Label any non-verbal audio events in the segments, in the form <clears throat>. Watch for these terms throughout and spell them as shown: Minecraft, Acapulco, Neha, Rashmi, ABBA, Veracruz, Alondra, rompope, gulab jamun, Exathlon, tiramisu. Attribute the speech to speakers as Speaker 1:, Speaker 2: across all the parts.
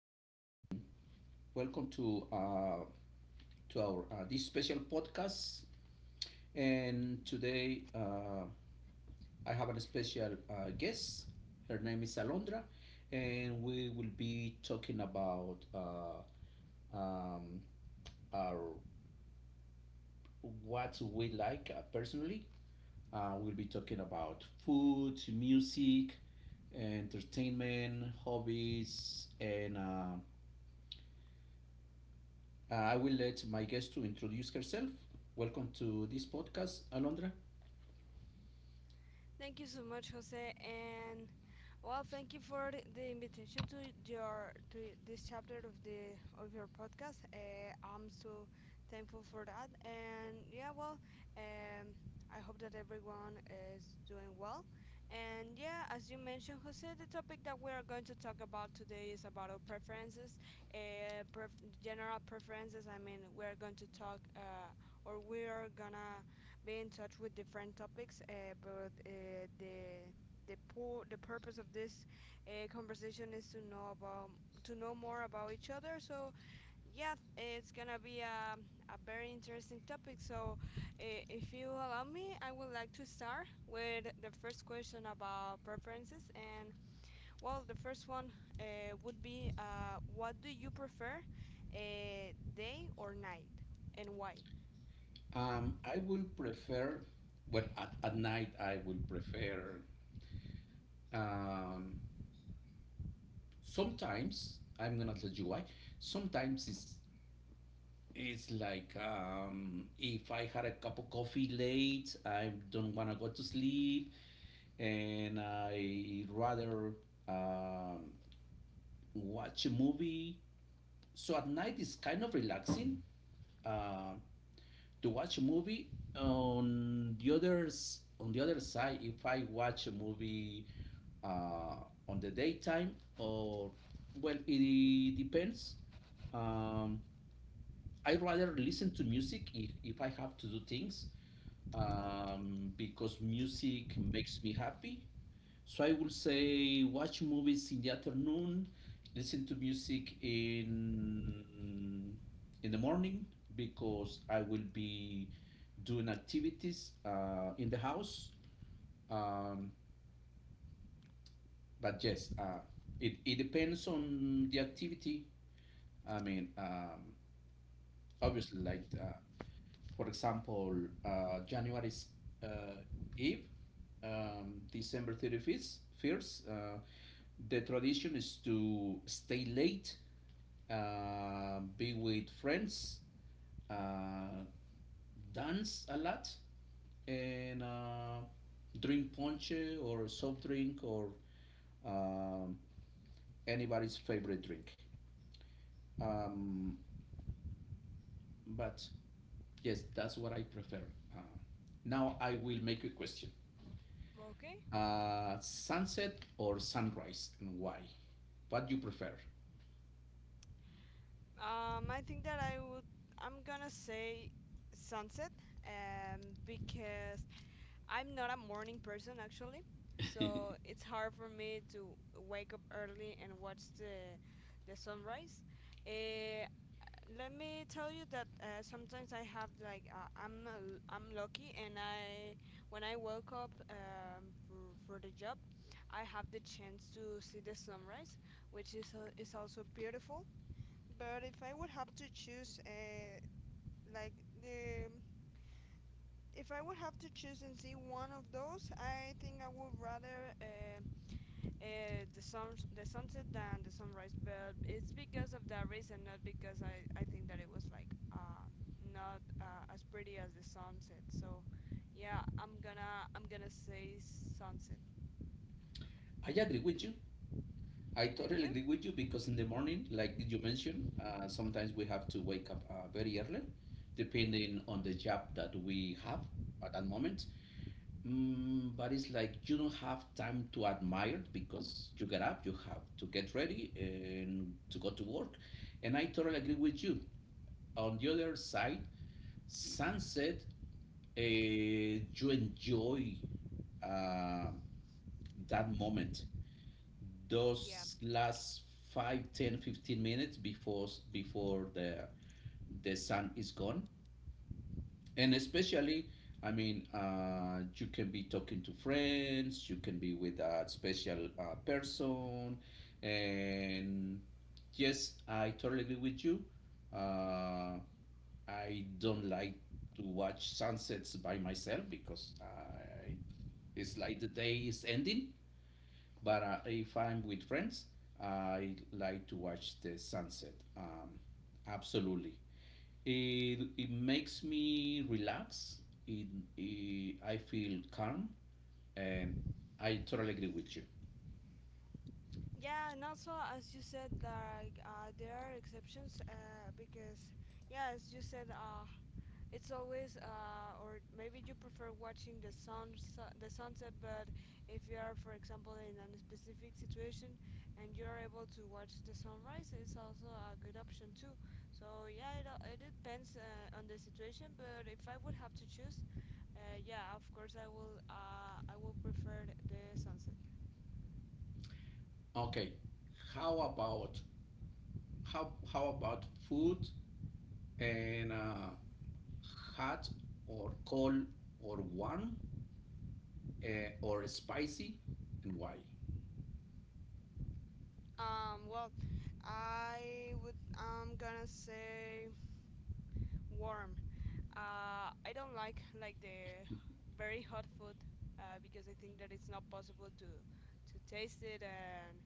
Speaker 1: good afternoon. Welcome to our this special podcast. And today I have a special guest. Her name is Alondra, and we will be talking about our what we like personally. We'll be talking about food, music, entertainment, hobbies, and I will let my guest to introduce herself. Welcome to this podcast, Alondra.
Speaker 2: Thank you so much, Jose, and well, thank you for the invitation to your to this chapter of the of your podcast. I'm so thankful for that, and yeah, well, um, I hope that everyone is doing well. And yeah, as you mentioned, Jose, the topic that we are going to talk about today is about our preferences, general preferences. I mean, we are going to talk, or we are gonna be in touch with different topics. But the po- The purpose of this conversation is to know about to know more about each other. So yeah, it's gonna be a very interesting topic. So if you allow me, I would like to start with the first question about preferences. And well, the first one would be what do you prefer, day or night, and why?
Speaker 1: I will prefer, well, at night I will prefer. Um, Sometimes I'm gonna tell you why. Sometimes it's like if I had a cup of coffee late, I don't wanna go to sleep, and I rather um, watch a movie. So at night it's kind of relaxing. Um to watch a movie. On the others, on the other side, if I watch a movie on the daytime or well, it depends. Um, I rather listen to music if I have to do things because music makes me happy. So I will say watch movies in the afternoon, listen to music in the morning because I will be doing activities in the house. Um, but yes, it depends on the activity. I mean, obviously like for example january's uh, eve, december 35th, first, the tradition is to stay late, be with friends uh, dance a lot and drink ponche or soft drink or um, anybody's favorite drink um, but yes, that's what I prefer. Uh, Now I will make a question:
Speaker 2: Okay.
Speaker 1: sunset or sunrise, and why? What do you prefer?
Speaker 2: I think that I would. I'm gonna say sunset, um, because I'm not a morning person actually,
Speaker 1: <laughs> I
Speaker 2: so it's hard for me to wake up early and watch the sunrise. Uh, Let me tell you that sometimes I have like I'm lucky and I when I woke up for the job, I have the chance to see the sunrise, which is also beautiful. But if I would have to choose, like the, if I would have to choose and see one of those, I think I would rather the sunset than the sunrise. But it's because of that reason, not because I think that it was like not as pretty as the sunset. So, yeah, I'm gonna say sunset.
Speaker 1: agree with you. I
Speaker 2: And
Speaker 1: totally
Speaker 2: you?
Speaker 1: agree with you because in the morning, like you mentioned, sometimes we have to wake up very early, depending on the job that we have at that moment. Mm, but it's like you don't have time to admire because you get up, you have to get ready and to go to work. And I totally agree with you. On the other side, sunset, you enjoy uh, that moment,
Speaker 2: Yeah.
Speaker 1: those last 5, 10, 15 minutes before the sun is gone, and especially I mean you can be talking to friends, you can be with a special person. And yes, I totally agree with you. uh, I don't like to watch sunsets by myself because I, it's like the day is ending, but if I'm with friends I like to watch the sunset, absolutely. It makes me relax. It, I feel calm, and I totally agree with you.
Speaker 2: Yeah, and also as you said, like there are exceptions because yeah, as you said, it's always, or maybe you prefer watching the sunset. But if you are, for example, in a specific situation and you're able to watch the sunrise, it's also a good option too. So yeah, it depends on the situation. But if I would have to choose, yeah, of course I will prefer the sunset.
Speaker 1: Okay, how about how about food and hot or cold or warm or spicy, and why?
Speaker 2: Well, I would. I'm gonna say warm. I don't like the very hot food because I think that it's not possible to taste it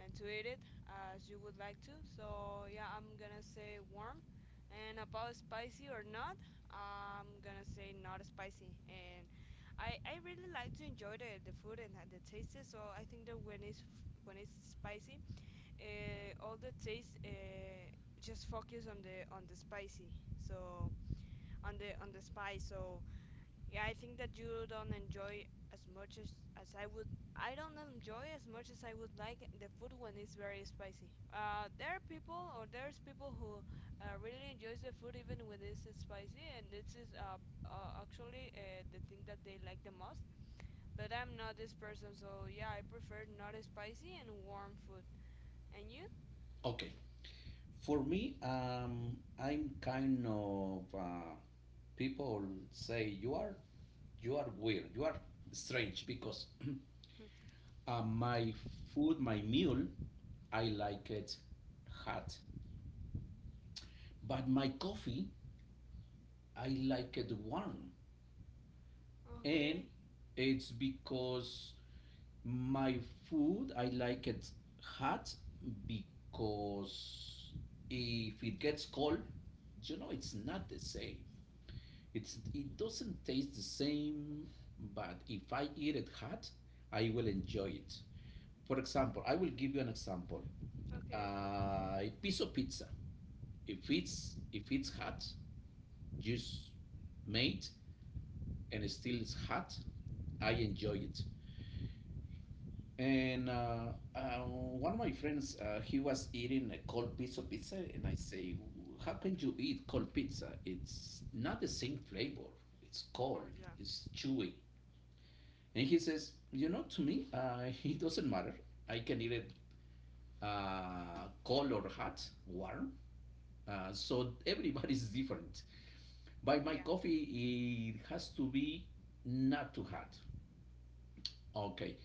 Speaker 2: and to eat it as you would like to. So yeah, I'm gonna say warm. And about spicy or not, I'm gonna say not spicy. And I really like to enjoy the food and the taste. So I think that when it's spicy, all the taste just focus on the So on the spy. So yeah, I think that you don't enjoy as much as I would. I don't enjoy as much as I would like the food when it's very spicy. There are people or there's people who really enjoys the food even when it's spicy, and this is actually the thing that they like the most. But I'm not this person, so yeah, I prefer not spicy and warm food. And you?
Speaker 1: Okay, for me, I'm kind of people say you are weird, you are strange because <clears throat>
Speaker 2: <laughs>
Speaker 1: My food, my meal, I like it hot, but my coffee, I like it warm. And
Speaker 2: Okay.
Speaker 1: it's because my food, I like it hot because if it gets cold, you know, it's not the same. It doesn't taste the same, but if I eat it hot, I will enjoy it. For example, I will give you an example.
Speaker 2: Okay.
Speaker 1: A piece of pizza, if it's hot, just made and still it's hot, I enjoy it. And one of my friends, he was eating a cold piece of pizza, and I say, "How can you eat cold pizza? It's not the same flavor. It's cold.
Speaker 2: Oh yeah.
Speaker 1: It's chewy." And he says, "You know, to me, <laughs> it doesn't matter. I can eat it cold or hot, warm. So everybody's <laughs> different. By my
Speaker 2: Yeah.
Speaker 1: coffee, it has to be not too hot. Okay.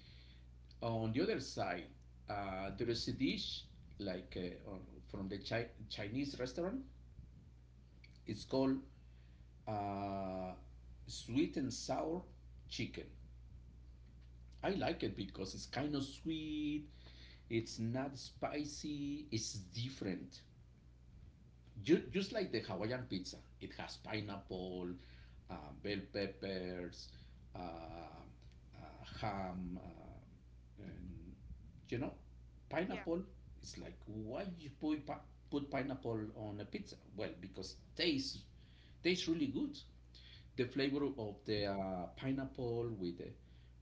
Speaker 1: On the other side, there
Speaker 2: Okay.
Speaker 1: is a dish like from the Chinese restaurant. It's called uh, sweet and sour chicken. I like it because it's kind of sweet. It's not spicy. It's different. Just like the Hawaiian pizza, it has pineapple, uh, bell peppers, ham, and you know,
Speaker 2: Yeah.
Speaker 1: pineapple. It's like why you put put pineapple on a pizza? Well, because it tastes really good. The flavor of the pineapple with the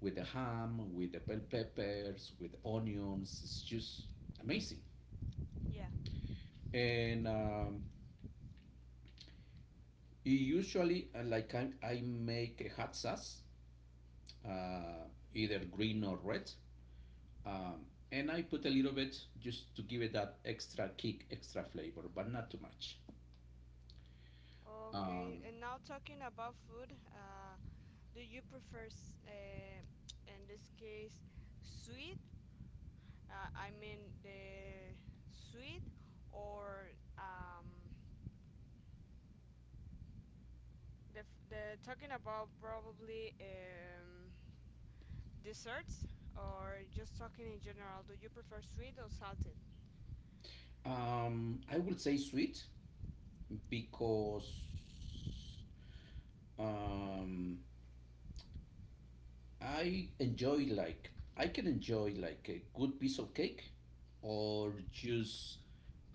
Speaker 1: with the ham, with the bell peppers, with the onions, it's just amazing.
Speaker 2: Yeah.
Speaker 1: And Usually, like I make a hot sauce, uh, either green or red, and I put a little bit just to give it that extra kick, extra flavor, but not too much.
Speaker 2: Okay,
Speaker 1: Um,
Speaker 2: and now talking about food, do you prefer, in this case, sweet? I mean the sweet or um, the talking about probably desserts or just talking in general, do you prefer sweet or salted?
Speaker 1: um, I would say sweet because um, I enjoy like I can enjoy like a good piece of cake or just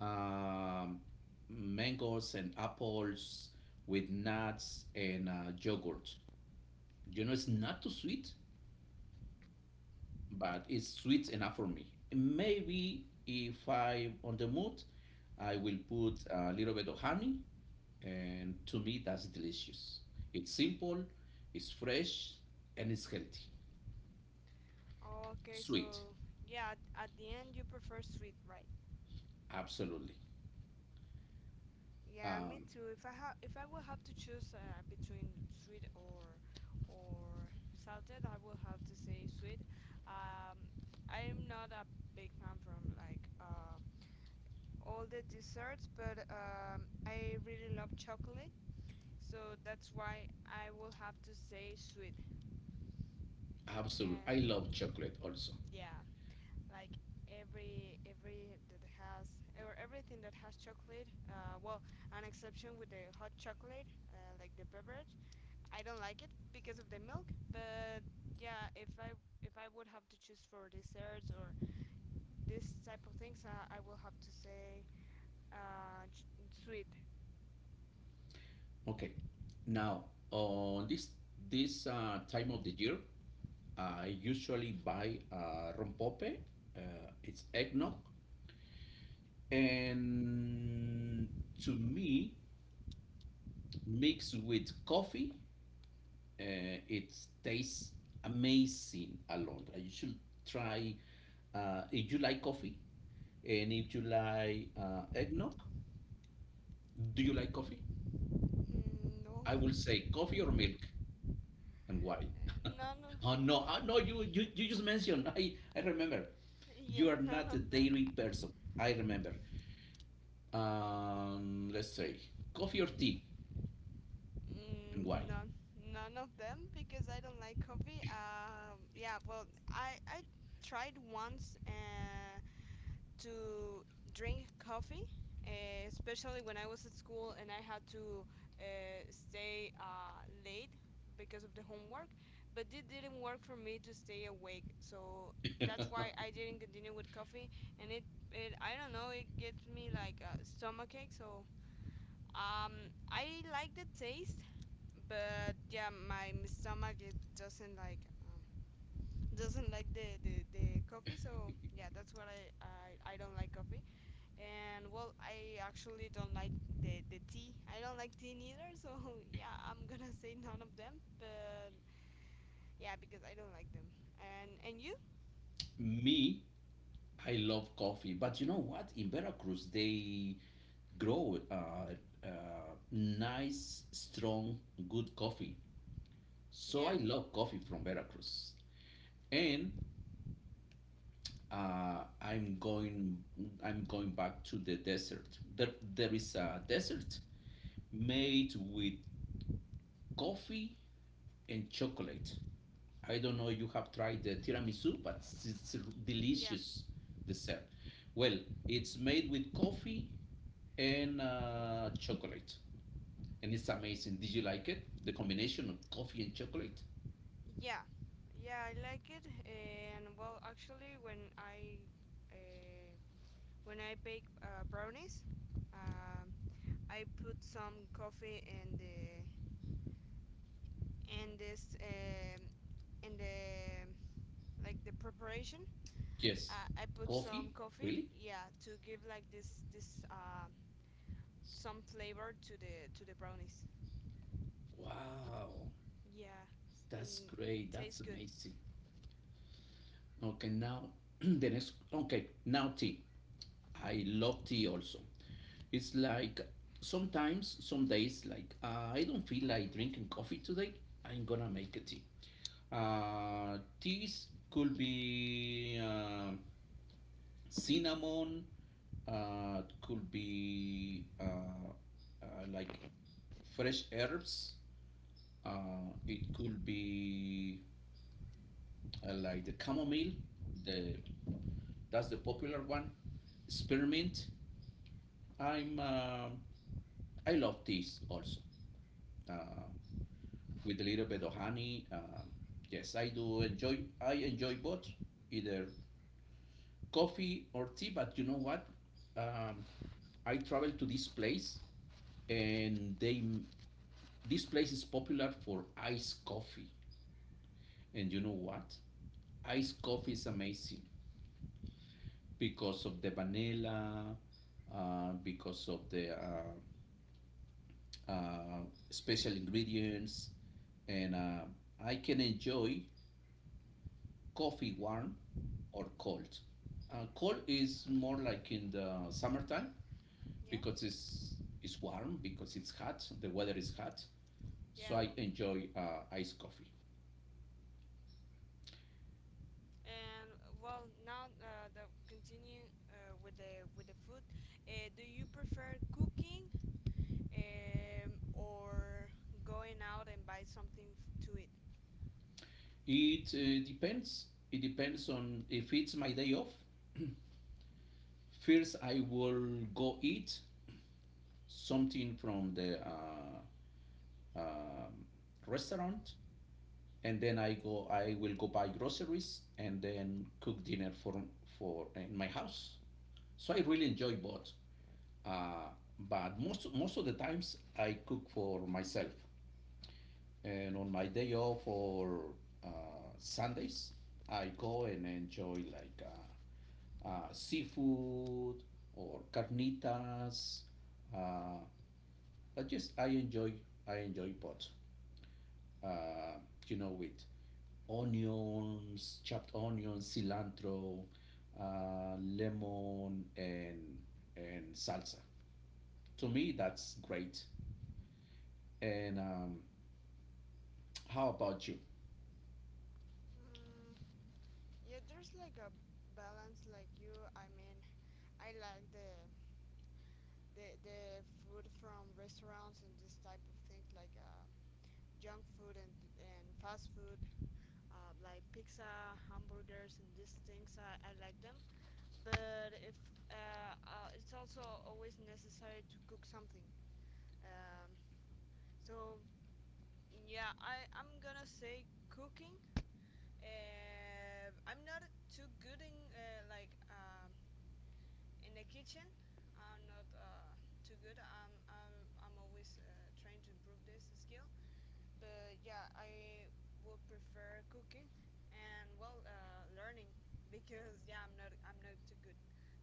Speaker 1: um, mangoes and apples with nuts and yogurt. You know, it's not too sweet, but it's sweet enough for me. Maybe if I'm on the mood, I will put a little bit of honey, and to me, that's delicious. It's simple, it's fresh, and it's healthy.
Speaker 2: Okay,
Speaker 1: Sweet,
Speaker 2: so yeah, at the end you prefer sweet, right?
Speaker 1: absolutely.
Speaker 2: Yeah, me
Speaker 1: Um,
Speaker 2: too. If I will have to choose between sweet or salted, I will have to say sweet. Um, I am not a big fan from like all the desserts, but I really love chocolate, so that's why I will have to say sweet.
Speaker 1: absolutely. I
Speaker 2: And
Speaker 1: love chocolate also.
Speaker 2: yeah, like every that has or everything that has chocolate. Well, an exception with the hot chocolate, like the beverage I don't like it because of the milk, but yeah, if I would have to choose for desserts or this type of things, I will have to say sweet.
Speaker 1: Okay. Now, on this time of the year, I usually buy rompope. It's eggnog, and to me, mixed with coffee, it tastes amazing alone. You should try. If you like coffee, and if you like eggnog, do you like coffee?
Speaker 2: Mm, no.
Speaker 1: I will say coffee or milk. And why?
Speaker 2: Uh, none of
Speaker 1: <laughs> Oh no, oh, no, you just mentioned. I remember. You
Speaker 2: Yeah,
Speaker 1: are
Speaker 2: none
Speaker 1: not a
Speaker 2: of them.
Speaker 1: dairy person. I remember. Let's say coffee or tea, and why?
Speaker 2: Mm, none of them because I don't like coffee. Yeah, well, I tried once to drink coffee, especially when I was at school and I had to stay late because of the homework. But it didn't work for me to stay awake, so that's why
Speaker 1: <laughs>
Speaker 2: I didn't continue with coffee. And it I don't know, it gets me like a stomach ache. So I like the taste, but yeah, my stomach it doesn't like. Doesn't like the coffee. So yeah, that's what I don't like coffee. And well, I actually don't like the tea. I don't like tea neither, so <laughs> yeah, I'm gonna say none of them. But yeah, because I don't like them. And you?
Speaker 1: Me, I love coffee, but you know what? In Veracruz, they grow nice, strong, good coffee. So I
Speaker 2: Yeah,
Speaker 1: love coffee from Veracruz, and uh, I'm going I'm going back to the desert. There is a desert made with coffee and chocolate. I don't know if you have tried the tiramisu, but it's a
Speaker 2: yeah,
Speaker 1: delicious dessert. Well, it's made with coffee and chocolate, and it's amazing. Did you like it? The combination of coffee and chocolate?
Speaker 2: yeah, yeah. I like it. And well, actually, uh, when I bake brownies, um, I put some coffee in the in this um, in the like the preparation.
Speaker 1: Yes.
Speaker 2: I put some
Speaker 1: Coffee?
Speaker 2: coffee,
Speaker 1: Really?
Speaker 2: yeah, to give like this some flavor to the brownies.
Speaker 1: Wow,
Speaker 2: Yeah,
Speaker 1: that's
Speaker 2: and
Speaker 1: great.
Speaker 2: tastes
Speaker 1: That's
Speaker 2: good.
Speaker 1: amazing. Okay, now <clears throat> the next. Okay, now tea. I love tea also. It's like sometimes, some days, like I don't feel like drinking coffee today. I'm gonna make a tea. Teas could be cinnamon. Could be uh, like fresh herbs. It could be I like the chamomile. The That's the popular one. Spearmint. I'm. Uh, I love teas also, uh, with a little bit of honey. Yes, I do enjoy. I enjoy both, either coffee or tea. But you know what? Um, I traveled to this place, and they. This place is popular for iced coffee, and you know what? Iced coffee is amazing, because of the vanilla, because of the uh, special ingredients, and I can enjoy coffee warm or cold. Cold is more like in the summertime
Speaker 2: Yeah.
Speaker 1: because it's warm because it's hot. The weather is hot,
Speaker 2: Yeah,
Speaker 1: so I enjoy iced coffee.
Speaker 2: and well, now the continue with the food. Do you prefer cooking or going out and buy something to eat?
Speaker 1: It depends. It depends on if it's my day off. First, I will go eat something from the uh, restaurant, and then I go. I will go buy groceries and then cook dinner for in my house. So I really enjoy both. Uh, but most of the times I cook for myself, and on my day off or uh, Sundays, I go and enjoy like seafood or carnitas. Uh, but just I enjoy both, uh, you know, with onions, chopped onions, cilantro, lemon, and salsa. To me, that's great. And How about you?
Speaker 2: Mm, yeah, there's like a balance, like you. I mean, I like the food from restaurants and this type of things like junk food and fast food like pizza, hamburgers, and these things. I like them, but if it's also always necessary to cook something. Um, so yeah, I'm gonna say cooking. I'm not too good in in the kitchen. I'm not too good. I'm always trying to improve this skill. But yeah, I would prefer cooking and well, learning <laughs> because yeah, I'm not too good.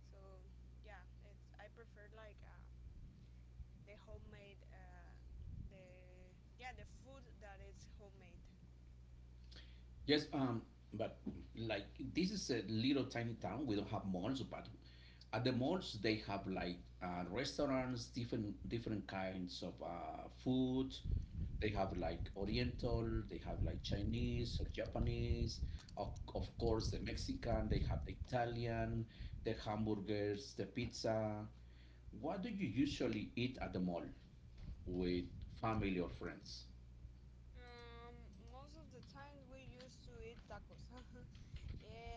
Speaker 2: So yeah, it's I prefer like the homemade the yeah the food that is homemade.
Speaker 1: Yes, but like this is a little tiny town. We don't have malls, but at the malls they have like restaurants, different kinds of food. They have like Oriental, they have like Chinese or Japanese, of, of course the Mexican. They have the Italian, the hamburgers, the pizza. What do you usually eat at the mall with family or friends?
Speaker 2: Most of the time we used to eat tacos, <laughs>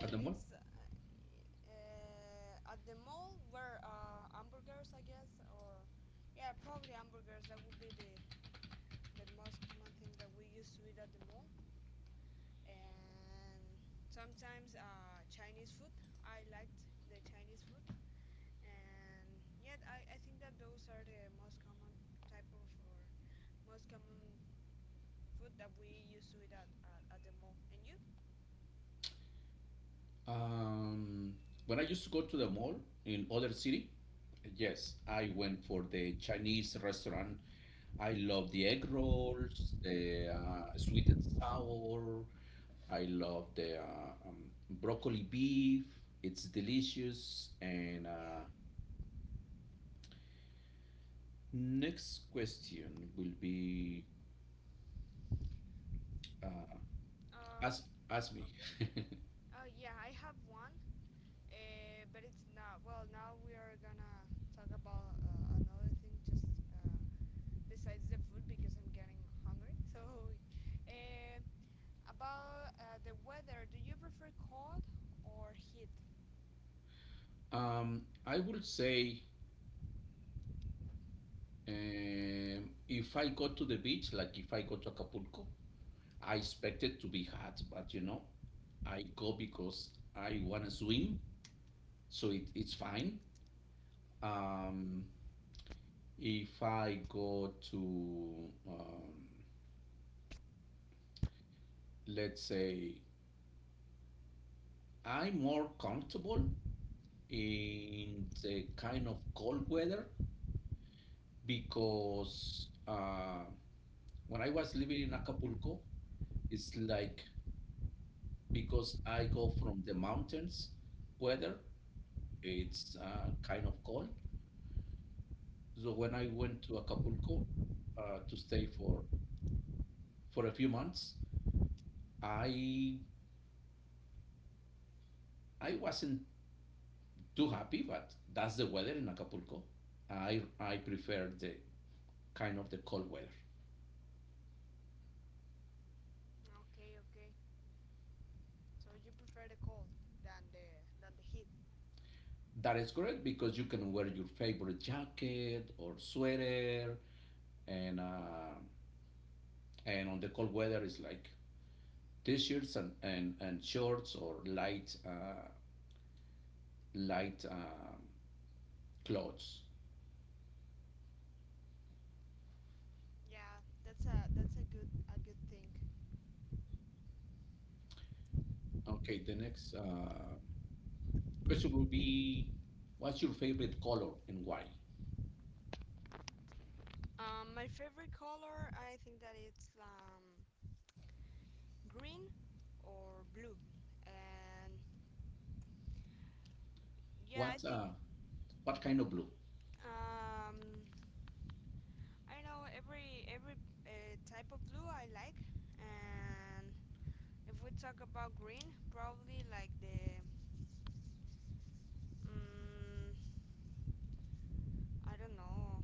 Speaker 1: At the mall?
Speaker 2: it's at the mall where hamburgers, I guess, or yeah, probably hamburgers. That would be the most common thing that we used to eat at the mall and sometimes Chinese food. I liked the Chinese food and yeah, I think that those are the most common type of or most common food that we used to eat at the mall. And you?
Speaker 1: Um, when I used to go to the mall in other city, yes, I went for the Chinese restaurant. I love the egg rolls, the sweet and sour. I love the broccoli beef. It's delicious. And
Speaker 2: Yeah.
Speaker 1: Next question will be uh,
Speaker 2: Um.
Speaker 1: ask ask me.
Speaker 2: Okay.
Speaker 1: <laughs>
Speaker 2: Oh yeah, I have one. But it's not. Well, now we are gonna talk about another thing. Just uh, besides the food because I'm getting hungry. <laughs> So, uh, about the weather, do you prefer cold or heat?
Speaker 1: Um, I would say if I go to the beach, like if I go to Acapulco, I expected to be hot, but you know, I go because I wanna swim, so it's fine. Um, if I go to, let's say, I'm more comfortable in the kind of cold weather because when I was living in Acapulco, it's like because I go from the mountains weather, it's kind of cold. So when I went to Acapulco to stay for a few months, I I wasn't too happy, but that's the weather in Acapulco. I prefer the kind of the cold weather.
Speaker 2: Okay, okay. So you prefer the cold than the than the heat.
Speaker 1: That is correct because you can wear your favorite jacket or sweater, and uh, and on the cold weather it's like t-shirts and shorts or light clothes.
Speaker 2: Yeah, that's a good thing.
Speaker 1: Okay, the next question will be, what's your favorite color and why?
Speaker 2: My favorite color, I think that it's green or blue, and yeah, I
Speaker 1: What
Speaker 2: think
Speaker 1: uh, what kind of blue?
Speaker 2: um I know every type of blue I like, and if we talk about green, probably like the mm, I don't know.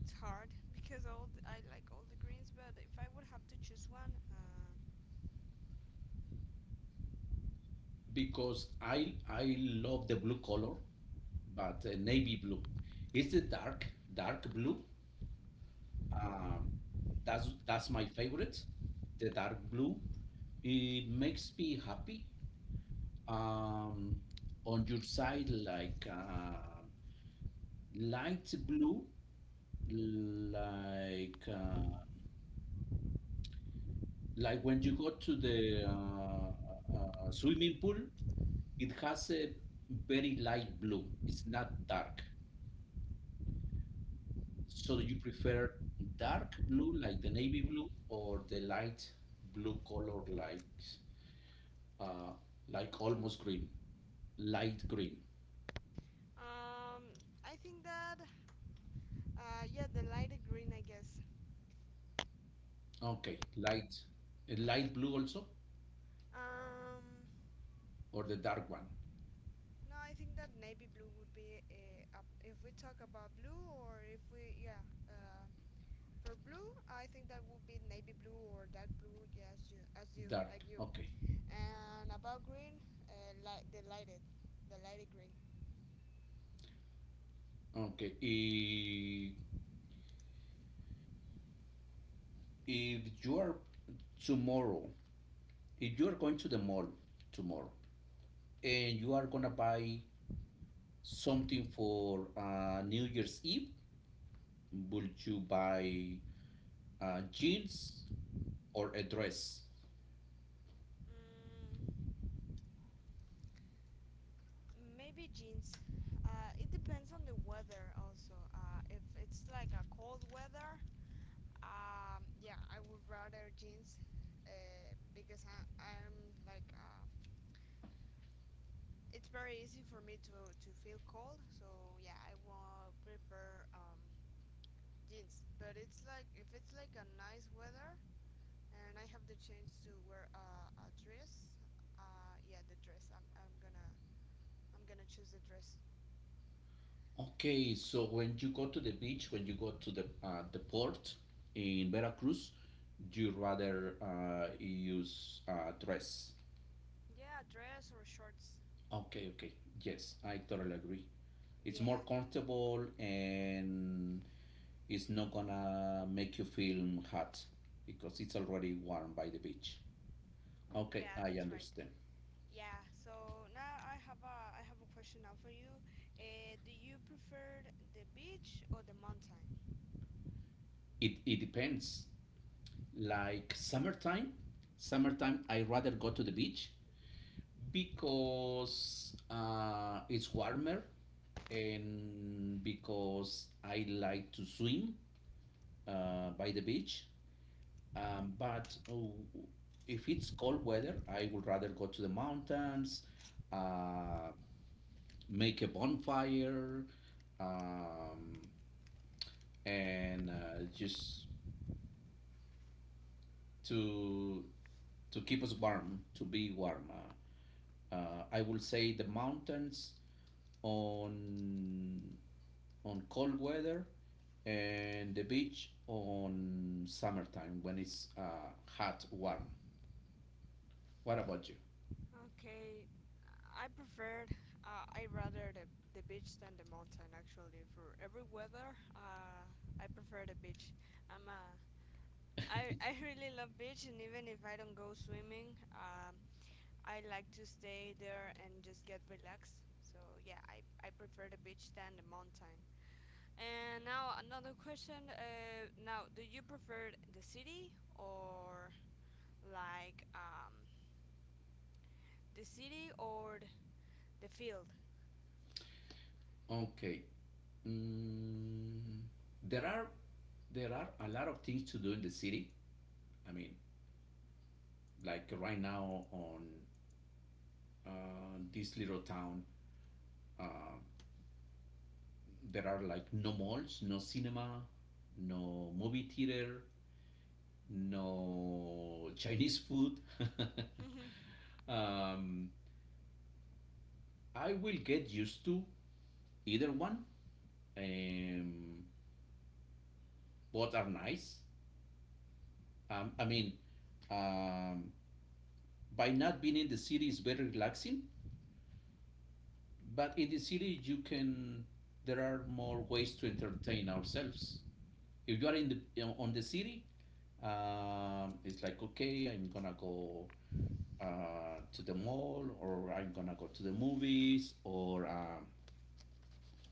Speaker 2: It's hard <laughs> because all I like all the greens, but if I would have to choose one,
Speaker 1: Because I love the blue color, but navy blue. It's the dark blue. Um, that's my favorite. The dark blue. It makes me happy. Um, on your side, like light blue, like like when you go to the swimming pool, it has a very light blue. It's not dark. So you prefer dark blue, like the navy blue, or the light blue color, uh, like almost green, light green.
Speaker 2: um, I think that yeah, the lighter green, I guess.
Speaker 1: Okay, light, a light blue also,
Speaker 2: Um,
Speaker 1: or the dark one,
Speaker 2: no, I think that navy blue would be up if we talk about blue or if we yeah. Uh, for blue, I think that would be navy blue or dark blue. Yeah,
Speaker 1: dark.
Speaker 2: like you.
Speaker 1: Okay,
Speaker 2: And about green, uh, li- the lighted, the lighted green.
Speaker 1: okay. If you are tomorrow, if you are going to the mall tomorrow and you are gonna buy something for New Year's Eve, would you buy jeans or a dress?
Speaker 2: Mm, maybe jeans. It depends on the weather also. If it's like a cold weather, yeah, I would rather jeans because I, I'm like, it's very easy for me to feel cold. So yeah, I will prefer jeans. But it's like, if it's like a nice weather, and I have the chance to wear a dress. Yeah, the dress. I'm gonna choose the dress.
Speaker 1: Okay, so when you go to the beach, when you go to the port in Veracruz, you rather use a dress.
Speaker 2: Yeah, dress or shorts.
Speaker 1: Okay, okay, yes, I totally agree. It's more
Speaker 2: Yeah,
Speaker 1: comfortable, and it's not gonna make you feel hot because it's already warm by the beach. Okay,
Speaker 2: yeah,
Speaker 1: I
Speaker 2: that's right.
Speaker 1: understand.
Speaker 2: Yeah. So now I have a question now for you. Do you prefer the beach or the mountain?
Speaker 1: It depends. Like summertime, summertime I rather go to the beach because it's warmer, and because I like to swim by the beach. But oh, if it's cold weather, I would rather go to the mountains, uh, make a bonfire, um, and just to to keep us warm, to be warm, I will say the mountains on on cold weather, and the beach on summertime when it's hot, warm. What about you?
Speaker 2: Okay, I prefer I rather the beach than the mountain actually. For every weather, I prefer the beach. I'm a I really love beach, and even if I don't go swimming, I like to stay there and just get relaxed. So yeah, I prefer the beach than the mountain. And now another question. Now, do you prefer the city or like um the city or the field? <laughs>
Speaker 1: Okay, mm, there are there are a lot of things to do in the city. I mean, like right now on this little town, uh, there are like no malls, no cinema, no movie theater, no Chinese food.
Speaker 2: Mhm.
Speaker 1: <laughs> Um, I will get used to either one. Um, both are nice. I mean, um, by not being in the city is very relaxing, but in the city you can, there are more ways to entertain ourselves. If you are in the, you know, on the city, it's like okay, I'm gonna go to the mall, or I'm gonna go to the movies, or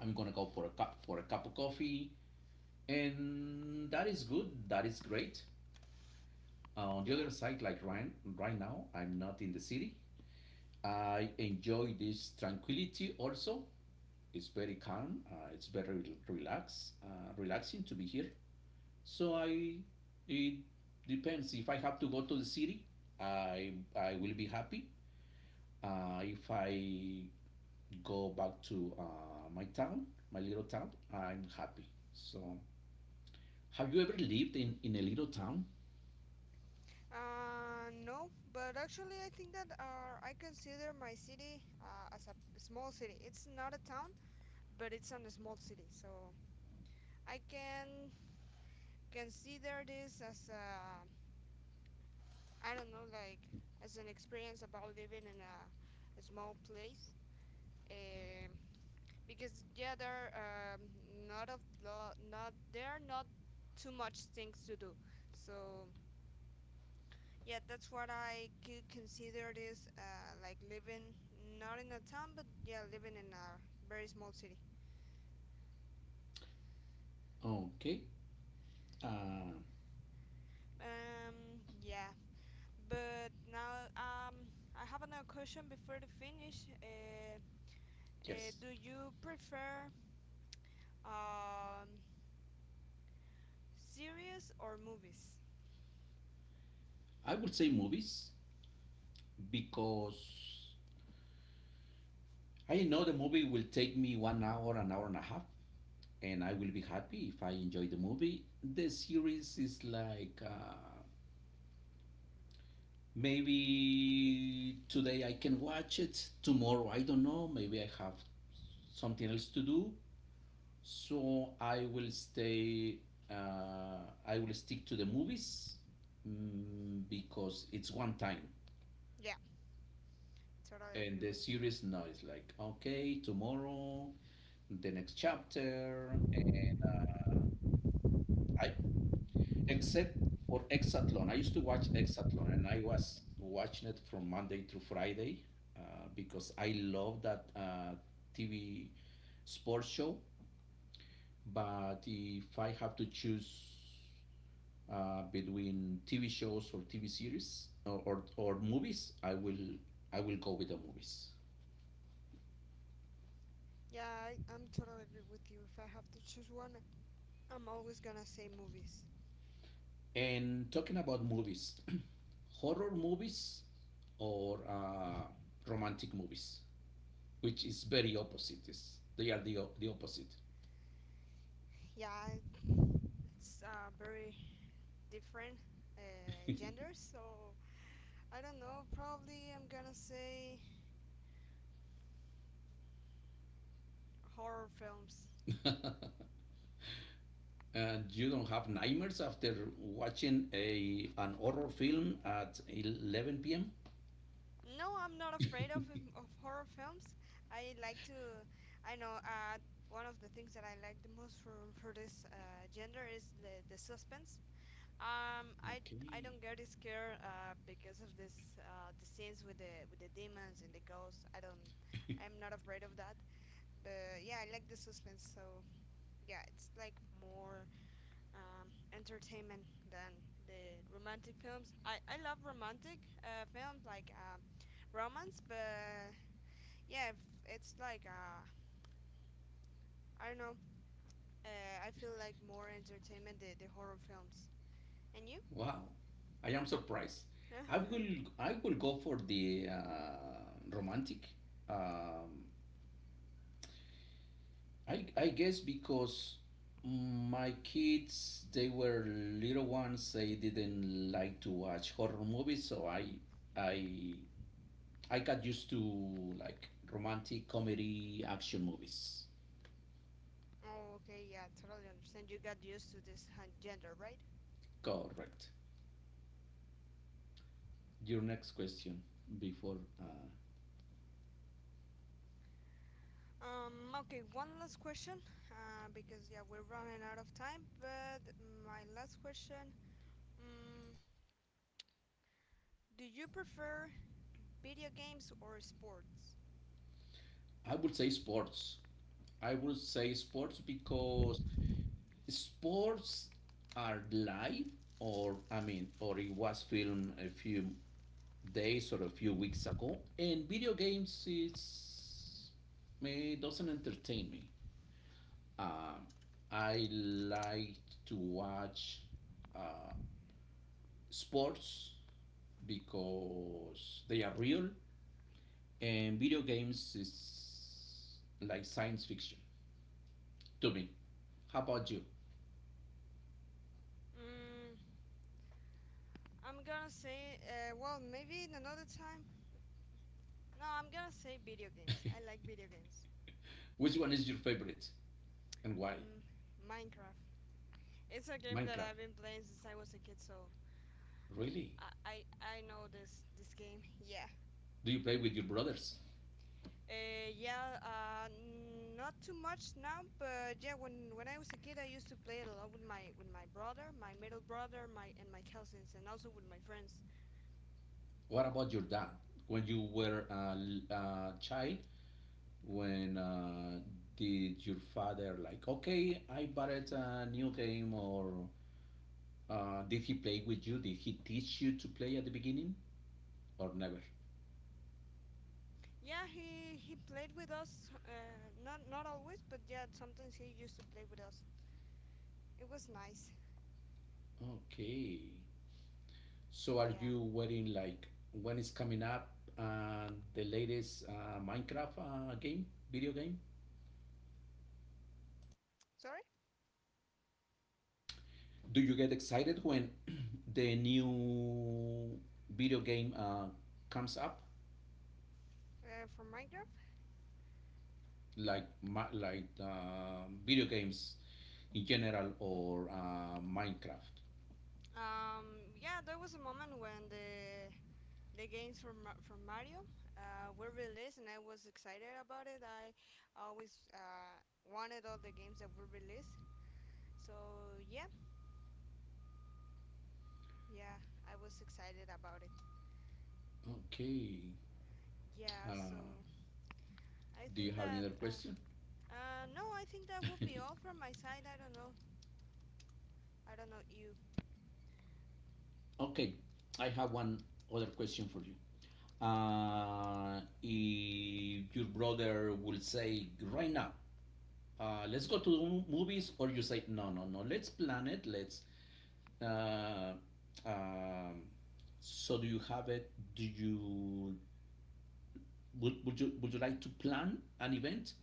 Speaker 1: I'm gonna go for a cup of coffee, and that is good, that is great. Uh, on the other
Speaker 2: Yeah.
Speaker 1: side, like right now I'm not in the city. I enjoy this tranquility also. It's very calm, it's very relaxing to be here. So I, it depends. If I have to go to the city, I will be happy. If I go back to my town, my little town, I'm happy. So, have you ever lived in a little town?
Speaker 2: No, but actually, I think that I consider my city as a small city. It's not a town, but it's on a small city. So I can consider this as a I don't know like as an experience about living in a small place um, because yeah there are not of lo- not there are not too much things to do so yeah that's what I could consider this like living not in a town but yeah living in a very small city
Speaker 1: Okay. Uh,
Speaker 2: yeah but now I have another question before to finish uh,
Speaker 1: yes,
Speaker 2: do you prefer um, series or movies?
Speaker 1: I would say movies because I know the movie will take me one hour, an hour and a half, and I will be happy if I enjoy the movie. The series is like maybe today I can watch it, tomorrow I don't know, maybe I have something else to do. So I will stay, I will stick to the movies, mm, because it's one time.
Speaker 2: Yeah, totally
Speaker 1: And
Speaker 2: agree
Speaker 1: the
Speaker 2: with you.
Speaker 1: series now is like, okay, tomorrow, the next chapter. And I, except for Exathlon. I used to watch Exathlon, and I was watching it from Monday to Friday because I love that TV sports show. But if I have to choose between TV shows or TV series, or movies, I will go with the movies.
Speaker 2: Yeah, I'm totally agree with you. If I have to choose one, I'm always gonna say movies.
Speaker 1: And talking about movies, <clears throat> horror movies or romantic movies, which is very opposite. They are the opposite.
Speaker 2: Yeah, it's very different genders,
Speaker 1: <laughs>
Speaker 2: so I don't know. Probably I'm gonna say horror films.
Speaker 1: And you don't have nightmares after watching a an horror film at 11 p.m.?
Speaker 2: No, I'm not afraid
Speaker 1: <laughs>
Speaker 2: of horror films. I like to. I know. One of the things that I like the most for this gender is the suspense. I
Speaker 1: Okay.
Speaker 2: don't get scared because of this the scenes with the demons and the ghosts. I don't. I'm not afraid of that. But yeah, I like the suspense. So yeah, it's like more entertainment than the romantic films. I love romantic films like romance, but yeah, if it's like I don't know. I feel like more entertainment the horror films. And you?
Speaker 1: <laughs> Wow, I am surprised. I will
Speaker 2: <laughs>
Speaker 1: I will go for the romantic. Um, I guess because my kids, they were little ones, they didn't like to watch horror movies, so I I got used to like romantic comedy action movies.
Speaker 2: Oh, okay, yeah, totally understand. You got used to this gender, right?
Speaker 1: Correct. Your next question before
Speaker 2: Okay, one last question, because yeah, we're running out of time. But my last question: um, do you prefer video games or sports?
Speaker 1: I would say sports. I would say sports because sports are live, or I mean or it was filmed a few days or a few weeks ago, and video games is me, doesn't entertain me. Uh, I like to watch uh, sports because they are real, and video games is like science fiction to me. How about you?
Speaker 2: Mm, I'm gonna say, well, maybe in another time. No, I'm gonna say video games. I like
Speaker 1: <laughs>
Speaker 2: video games.
Speaker 1: Which one is your favorite and why?
Speaker 2: Mm, Minecraft. It's a game that
Speaker 1: Minecraft.
Speaker 2: I've been playing since I was a kid, so
Speaker 1: Really?
Speaker 2: I I, I know this game. Yeah.
Speaker 1: Do you play with your brothers?
Speaker 2: Yeah. Not too much now, but yeah, when I was a kid, I used to play it a lot with my brother, my middle brother, my and my cousins, and also with my friends.
Speaker 1: What about your dad? When you were a, a child, when did your father like, okay, I bought it a new game, or did he play with you? Did he teach you to play at the beginning, or never?
Speaker 2: Yeah, he played with us. Not not always, but yeah, sometimes he used to play with us. It was nice.
Speaker 1: Okay. So are
Speaker 2: Yeah.
Speaker 1: you waiting like when it's coming up, and the latest Minecraft game, video game?
Speaker 2: Sorry?
Speaker 1: Do you get excited when <clears throat> the new video game comes up?
Speaker 2: From Minecraft?
Speaker 1: Like like video games in general, or Minecraft?
Speaker 2: Yeah, there was a moment when the games from Mario were released, and I was excited about it. I always wanted all the games that were released. So yeah, yeah, I was excited about it.
Speaker 1: Okay.
Speaker 2: Yeah. So
Speaker 1: Uh,
Speaker 2: I
Speaker 1: do you
Speaker 2: think
Speaker 1: have any
Speaker 2: that
Speaker 1: other question?
Speaker 2: no, I think that would be all
Speaker 1: <laughs>
Speaker 2: from my side. I don't know. I don't know you.
Speaker 1: Okay, I have one other question for you. If your brother will say right now, let's go to the movies, or you say no, no, no, let's plan it. Let's. Uh, um, so do you have it? Do you, would, would you like to plan an event,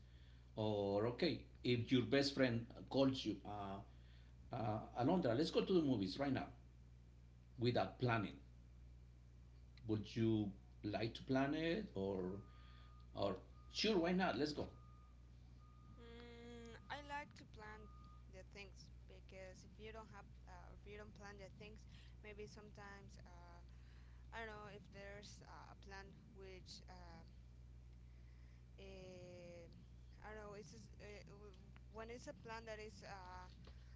Speaker 1: or okay, if your best friend calls you, Alondra, let's go to the movies right now without planning. Would you like to plan it, or sure, why not? Let's go.
Speaker 2: Mm, I like to plan the things because if you don't have, if you don't plan the things, maybe sometimes I don't know if there's a plan which eh, I don't know. It's just, when it's a plan that is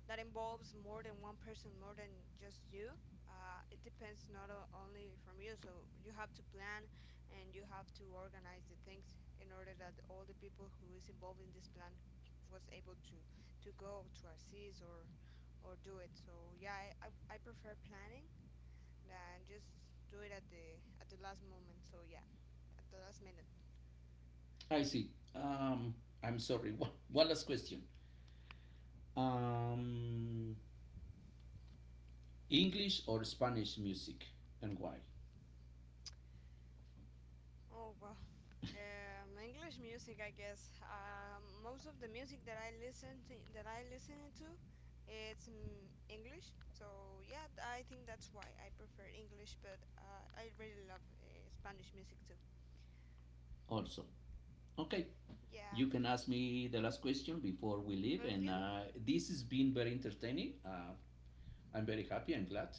Speaker 2: that involves more than one person, more than just you. It depends not o- only from you, so you have to plan and you have to organize the things in order that all the people who is involved in this plan was able to go to assist or do it. So yeah, I prefer planning than just do it at the last moment. So yeah, at the last minute.
Speaker 1: I see. Um, I'm sorry. <laughs> One last question. Um, English or Spanish music, and why?
Speaker 2: Oh wow, English music, I guess. Most of the music that I listen to, that I listen to, it's mm, English. So yeah, I think that's why I prefer English. But I really love Spanish music too.
Speaker 1: Also. Okay.
Speaker 2: Yeah.
Speaker 1: You can ask me the last question before we leave,
Speaker 2: And
Speaker 1: and
Speaker 2: you?
Speaker 1: this has been very entertaining. I'm very happy. I'm glad.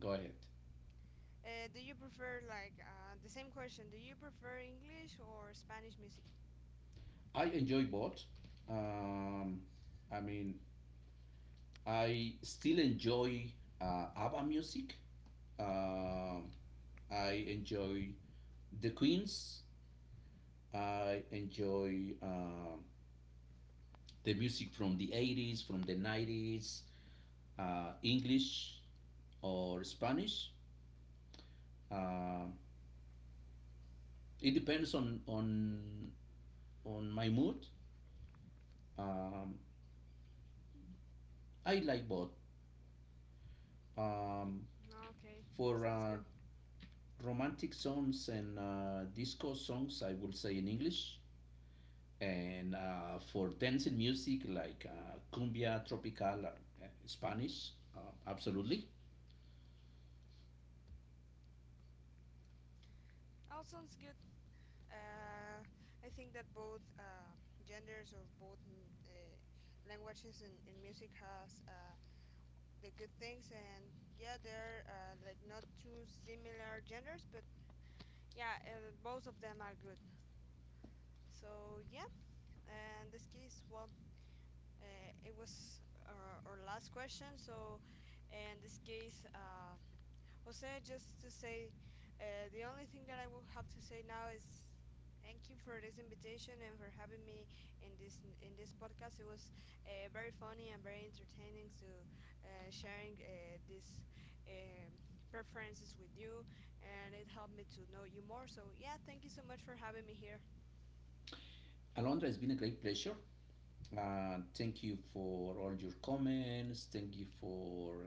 Speaker 1: Go ahead.
Speaker 2: Do you prefer like the same question? Do you prefer English or Spanish music?
Speaker 1: I enjoy both. Um, I mean, I still enjoy ABBA music. Um, I enjoy the Queens. I enjoy the music from the 80s, from the 90s, English or Spanish. Uh, it depends on on my mood. Um, I like both. Um,
Speaker 2: Okay,
Speaker 1: for
Speaker 2: sounds good.
Speaker 1: romantic songs and disco songs, I will say in English. And for dancing music like cumbia, tropical, Spanish, absolutely.
Speaker 2: All sounds good. Uh, I think that both genders of both mm, languages and music has the good things and yeah they're like not too similar genders but yeah both of them are good so yeah and this case well it was our last question so in this case Jose, just to say, the only thing that I will have to say now is thank you for this invitation and for having me in this podcast. It was very funny and very entertaining to sharing these um preferences with you, and it helped me to know you more. So yeah, thank you so much for having me here.
Speaker 1: Alondra, it's been a great pleasure. Thank you for all your comments. Thank you for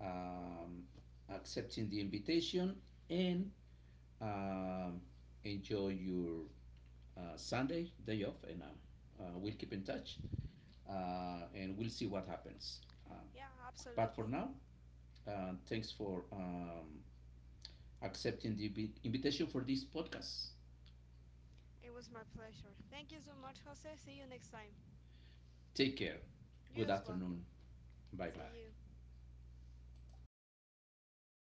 Speaker 1: um, accepting the invitation, and um, enjoy your Sunday day off. And we'll keep in touch and we'll see what happens. Um,
Speaker 2: Yeah,
Speaker 1: but for
Speaker 2: absolutely.
Speaker 1: now, thanks for accepting the invitation for this podcast.
Speaker 2: It was my pleasure. Thank you so much, Jose. See you next time.
Speaker 1: Take care.
Speaker 2: You
Speaker 1: Good
Speaker 2: as well.
Speaker 1: afternoon. Bye
Speaker 2: See
Speaker 1: bye.
Speaker 2: you.